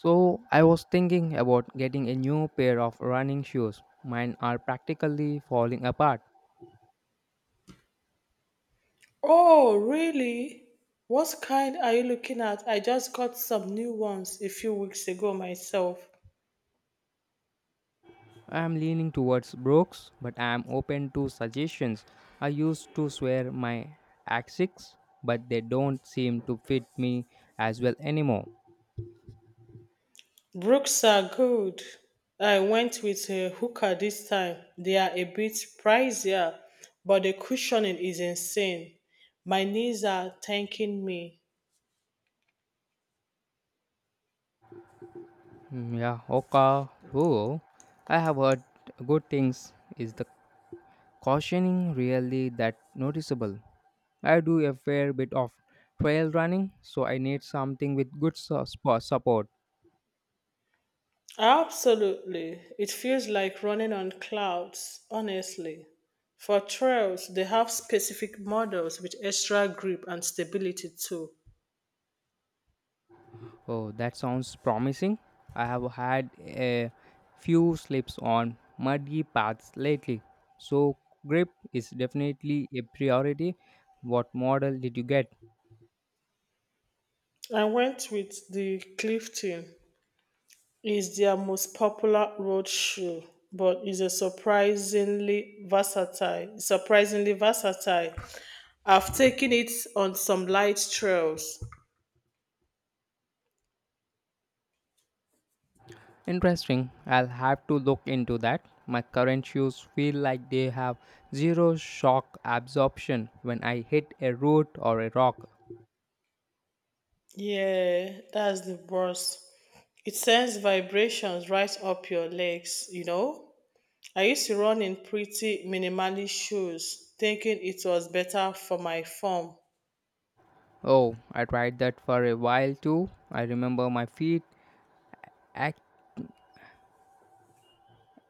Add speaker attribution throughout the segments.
Speaker 1: So, I was thinking about getting a new pair of running shoes. Mine are practically falling apart.
Speaker 2: Oh, really? What kind are you looking at? I just got some new ones a few weeks ago myself.
Speaker 1: I am leaning towards Brooks, but I am open to suggestions. I used to swear my Asics, but they don't seem to fit me as well anymore.
Speaker 2: Brooks are good. I went with a hooker this time. They are a bit pricier, but the cushioning is insane. My knees are thanking me.
Speaker 1: Mm, yeah, Oka, who I have heard good things is the cautioning really that noticeable? I do a fair bit of trail running, so I need something with good support.
Speaker 2: Absolutely. It feels like running on clouds, honestly. For trails, they have specific models with extra grip and stability too.
Speaker 1: Oh, that sounds promising. I have had a few slips on muddy paths lately, so grip is definitely a priority. What model did you get?
Speaker 2: I went with the Clifton. Is their most popular road shoe, but is a surprisingly versatile. Surprisingly versatile. I've taken it on some light trails.
Speaker 1: Interesting. I'll have to look into that. My current shoes feel like they have zero shock absorption when I hit a root or a rock.
Speaker 2: Yeah, that's the worst. It sends vibrations right up your legs, you know? I used to run in pretty minimalist shoes, thinking it was better for my form.
Speaker 1: Oh, I tried that for a while too. I remember my feet ac-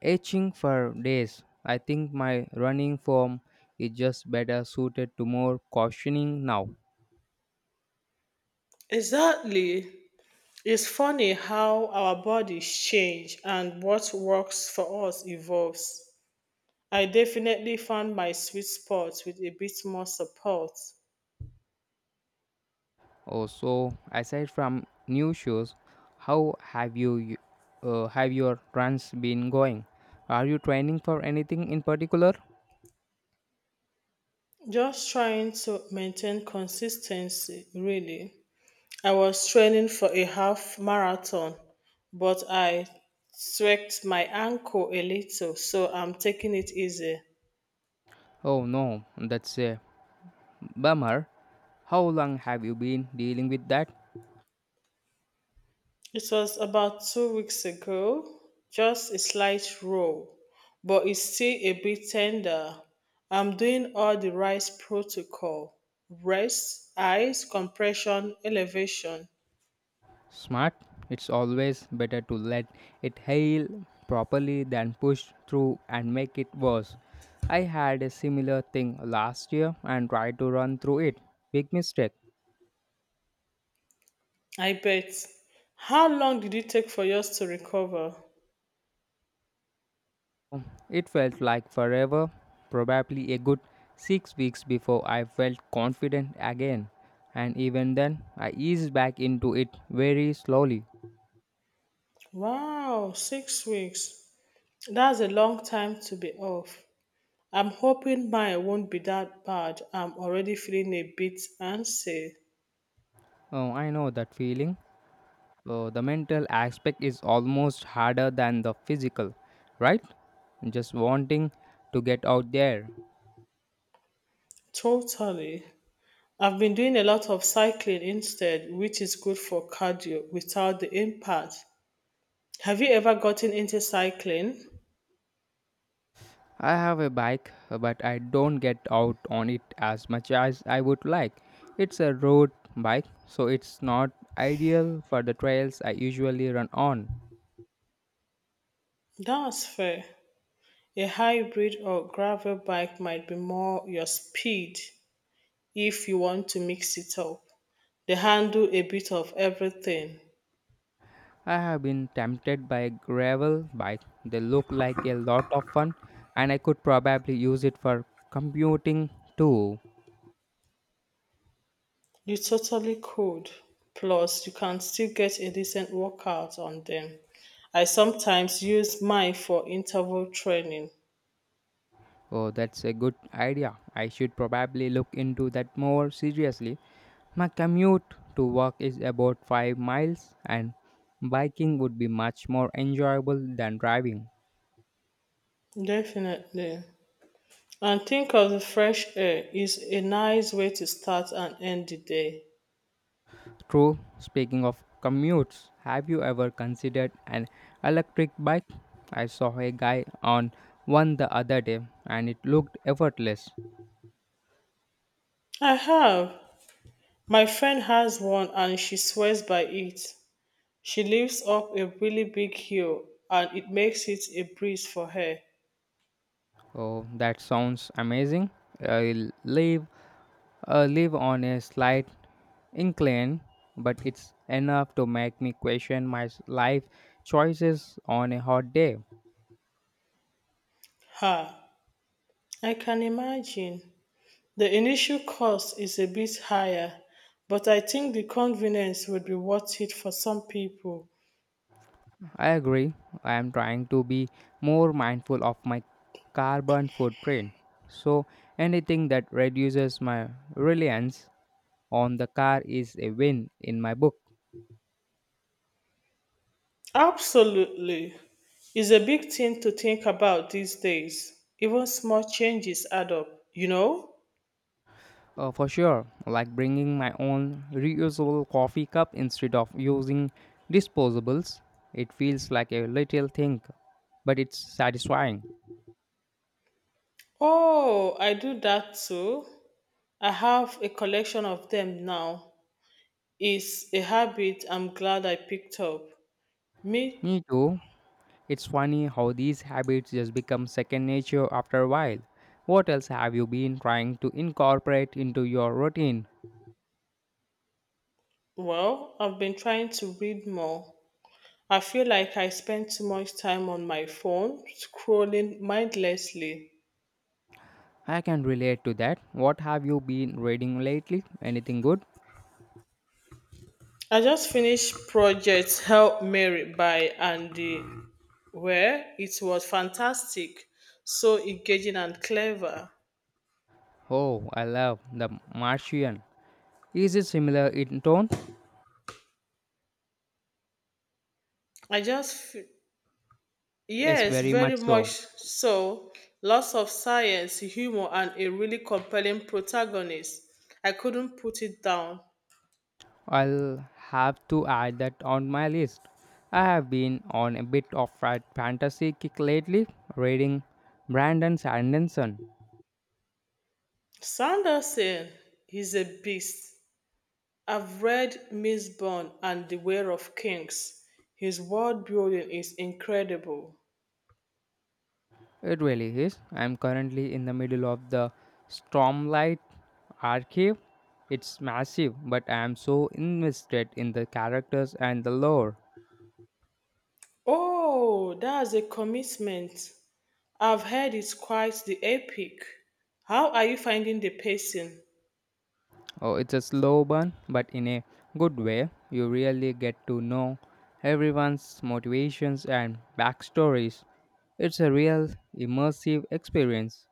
Speaker 1: itching for days. I think my running form is just better suited to more cautioning now.
Speaker 2: Exactly. It's funny how our bodies change and what works for us evolves. I definitely found my sweet spot with a bit more support.
Speaker 1: Oh, so aside from new shoes, how have you have your runs been going? Are you training for anything in particular?
Speaker 2: Just trying to maintain consistency, really. I was training for a half marathon, but I tweaked my ankle a little, so I'm taking it easy.
Speaker 1: Oh no, that's a bummer. How long have you been dealing with that?
Speaker 2: It was about 2 weeks ago, just a slight roll, but it's still a bit tender. I'm doing all the right protocol: rest, ice, compression, elevation.
Speaker 1: Smart, it's always better to let it heal properly than push through and make it worse. I had a similar thing last year and tried to run through it. Big mistake.
Speaker 2: I bet. How long did it take for yours to recover?
Speaker 1: It felt like forever, probably a good 6 weeks before I felt confident again. And even then, I eased back into it very slowly.
Speaker 2: Wow, 6 weeks. That's a long time to be off. I'm hoping mine won't be that bad. I'm already feeling a bit antsy.
Speaker 1: Oh, I know that feeling. So the mental aspect is almost harder than the physical, right? Just wanting to get out there.
Speaker 2: Totally. I've been doing a lot of cycling instead, which is good for cardio without the impact. Have you ever gotten into cycling?
Speaker 1: I have a bike, but I don't get out on it as much as I would like. It's a road bike, so it's not ideal for the trails I usually run on.
Speaker 2: That's fair. A hybrid or gravel bike might be more your speed if you want to mix it up. They handle a bit of everything.
Speaker 1: I have been tempted by a gravel bike. They look like a lot of fun, and I could probably use it for commuting too.
Speaker 2: You totally could. Plus, you can still get a decent workout on them. I sometimes use mine for interval training.
Speaker 1: Oh, that's a good idea. I should probably look into that more seriously. My commute to work is about 5 miles, and biking would be much more enjoyable than driving.
Speaker 2: Definitely. And think of the fresh air is a nice way to start and end the day.
Speaker 1: True, speaking of commutes, have you ever considered an electric bike? I saw a guy on one the other day and it looked effortless.
Speaker 2: I have. My friend has one and she swears by it. She lives up a really big hill and it makes it a breeze for her.
Speaker 1: Oh, that sounds amazing. I'll leave live on a slight incline, but it's enough to make me question my life choices on a hot day.
Speaker 2: Ha! I can imagine. The initial cost is a bit higher, but I think the convenience would be worth it for some people.
Speaker 1: I agree, I am trying to be more mindful of my carbon footprint. So, anything that reduces my reliance on the car is a win in my book.
Speaker 2: Absolutely. It's a big thing to think about these days. Even small changes add up, you know?
Speaker 1: For sure, like bringing my own reusable coffee cup instead of using disposables. It feels like a little thing, but it's satisfying.
Speaker 2: Oh, I do that too. I have a collection of them now. It's a habit I'm glad I picked up. Me,
Speaker 1: Me too. It's funny how these habits just become second nature after a while. What else have you been trying to incorporate into your routine?
Speaker 2: well, I've been trying to read more. I feel like I spend too much time on my phone scrolling mindlessly.
Speaker 1: I can relate to that. What have you been reading lately? Anything good?
Speaker 2: I just finished Project Help Mary by Andy Where. It was fantastic, so engaging and clever.
Speaker 1: Oh, I love The Martian. Is it similar in tone?
Speaker 2: I just, f-
Speaker 1: Yes,
Speaker 2: yes,
Speaker 1: very much
Speaker 2: very much
Speaker 1: so.
Speaker 2: so. Lots of science, humor, and a really compelling protagonist. I couldn't put it down.
Speaker 1: I'll have to add that on my list. I have been on a bit of a fantasy kick lately, reading Brandon Sanderson.
Speaker 2: Sanderson is a beast. I've read Miss Bond and The Way of Kings. His world building is incredible.
Speaker 1: It really is. I'm currently in the middle of the Stormlight Archive. It's massive, but I am so invested in the characters and the lore.
Speaker 2: Oh, that's a commitment. I've heard it's quite the epic. How are you finding the pacing?
Speaker 1: Oh, it's a slow burn, but in a good way. You really get to know everyone's motivations and backstories. It's a real immersive experience.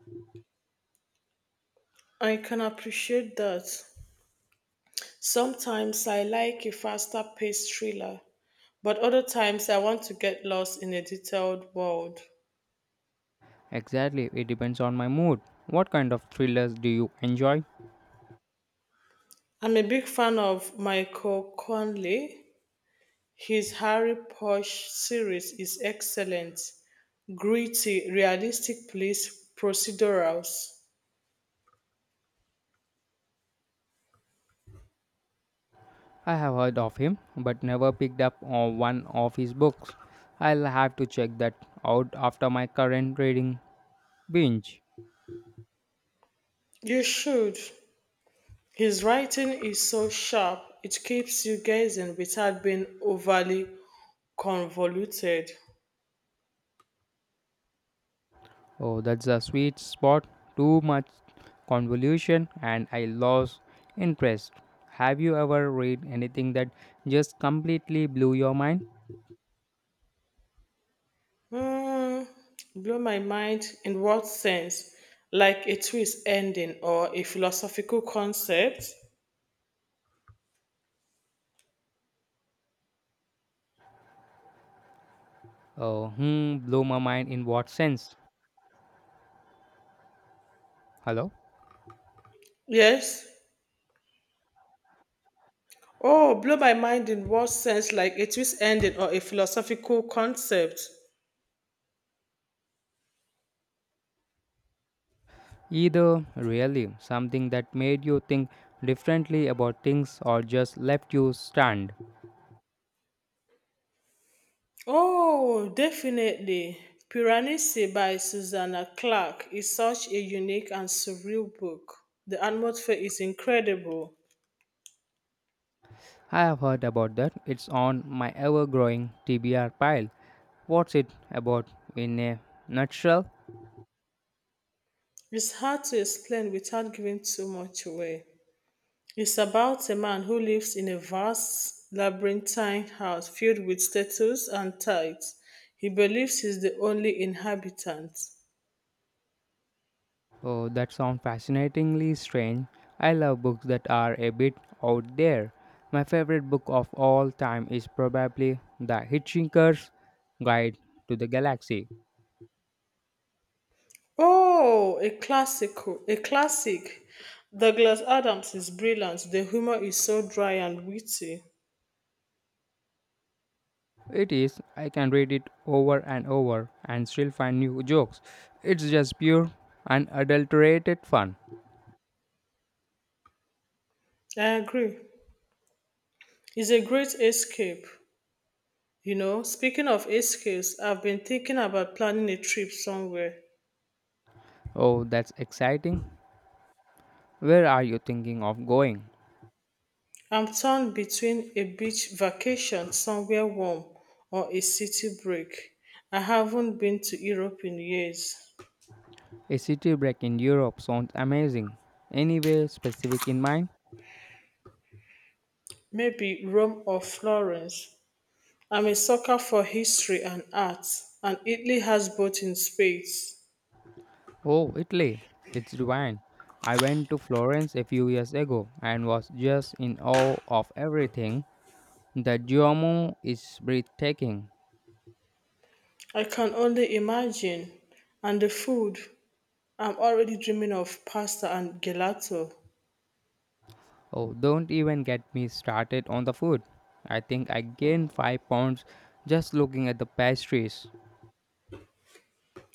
Speaker 2: I can appreciate that. Sometimes I like a faster paced thriller, but other times I want to get lost in a detailed world.
Speaker 1: Exactly, it depends on my mood. What kind of thrillers do you enjoy?
Speaker 2: I'm a big fan of Michael Conley. His Harry Posh series is excellent, gritty, realistic police procedurals.
Speaker 1: I have heard of him, but never picked up on one of his books. I'll have to check that out after my current reading binge.
Speaker 2: You should. His writing is so sharp, it keeps you guessing without being overly convoluted.
Speaker 1: Oh, that's a sweet spot. Too much convolution, and I lost interest. Have you ever read anything that just completely blew your mind?
Speaker 2: Hmm, Blow my mind in what sense? Like a twist ending or a philosophical concept?
Speaker 1: Oh, hmm, blew my mind in what sense? Hello?
Speaker 2: Yes. Oh, blow my mind in what sense? Like a twist ending or a philosophical concept?
Speaker 1: Either really something that made you think differently about things or just left you stunned.
Speaker 2: Oh, definitely. Piranesi by Susanna Clark is such a unique and surreal book. The atmosphere is incredible.
Speaker 1: I have heard about that. It's on my ever growing TBR pile. What's it about in a nutshell?
Speaker 2: It's hard to explain without giving too much away. It's about a man who lives in a vast labyrinthine house filled with statues and tides. He believes he's the only inhabitant.
Speaker 1: Oh, that sounds fascinatingly strange. I love books that are a bit out there. My favorite book of all time is probably The Hitchhiker's Guide to the Galaxy.
Speaker 2: A classic. Douglas Adams is brilliant. The humor is so dry and witty.
Speaker 1: It is, I can read it over and over and still find new jokes. It's just pure, unadulterated fun.
Speaker 2: I agree. It's a great escape. You know, speaking of escapes, I've been thinking about planning a trip somewhere.
Speaker 1: Oh, that's exciting. Where are you thinking of going?
Speaker 2: I'm torn between a beach vacation somewhere warm or a city break. I haven't been to Europe in years.
Speaker 1: A city break in Europe sounds amazing. Anywhere specific in mind?
Speaker 2: Maybe Rome or Florence. I'm a sucker for history and art, and Italy has both in spades.
Speaker 1: Oh, Italy. It's divine. I went to Florence a few years ago and was just in awe of everything. The Duomo is breathtaking.
Speaker 2: I can only imagine. And the food, I'm already dreaming of pasta and gelato.
Speaker 1: Oh, don't even get me started on the food. I think I gained 5 pounds just looking at the pastries.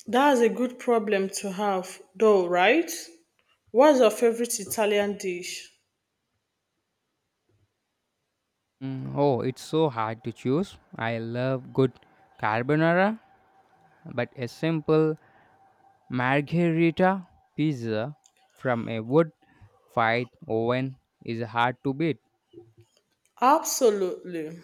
Speaker 2: That's a good problem to have, though, right? What's your favorite Italian dish?
Speaker 1: Mm, oh, it's so hard to choose. I love good carbonara, but a simple margherita pizza from a wood fired oven is hard to beat.
Speaker 2: Absolutely.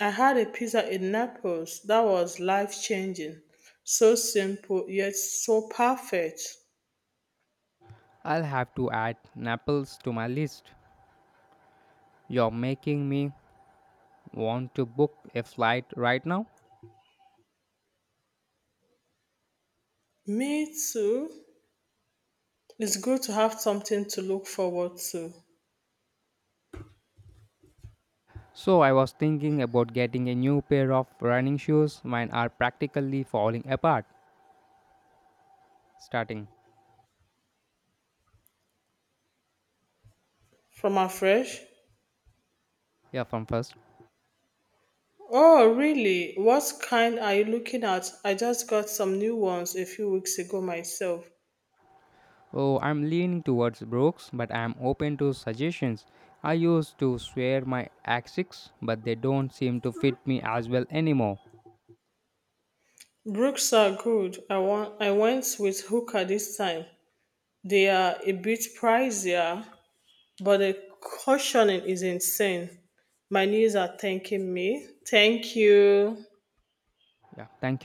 Speaker 2: I had a pizza in Naples that was life changing. So simple, yet so perfect.
Speaker 1: I'll have to add Naples to my list. You're making me want to book a flight right now.
Speaker 2: Me too. It's good to have something to look forward to.
Speaker 1: So, I was thinking about getting a new pair of running shoes. Mine are practically falling apart. Starting
Speaker 2: From afresh?
Speaker 1: yeah from first.
Speaker 2: Oh, really? What kind are you looking at? I just got some new ones a few weeks ago myself.
Speaker 1: Oh, I'm leaning towards Brooks, but I'm open to suggestions. I used to swear my Asics, but they don't seem to fit me as well anymore.
Speaker 2: Brooks are good. I went with Hooker this time. They are a bit pricier, but the cushioning is insane. My knees are thanking me. Thank you.
Speaker 1: Yeah, thank you.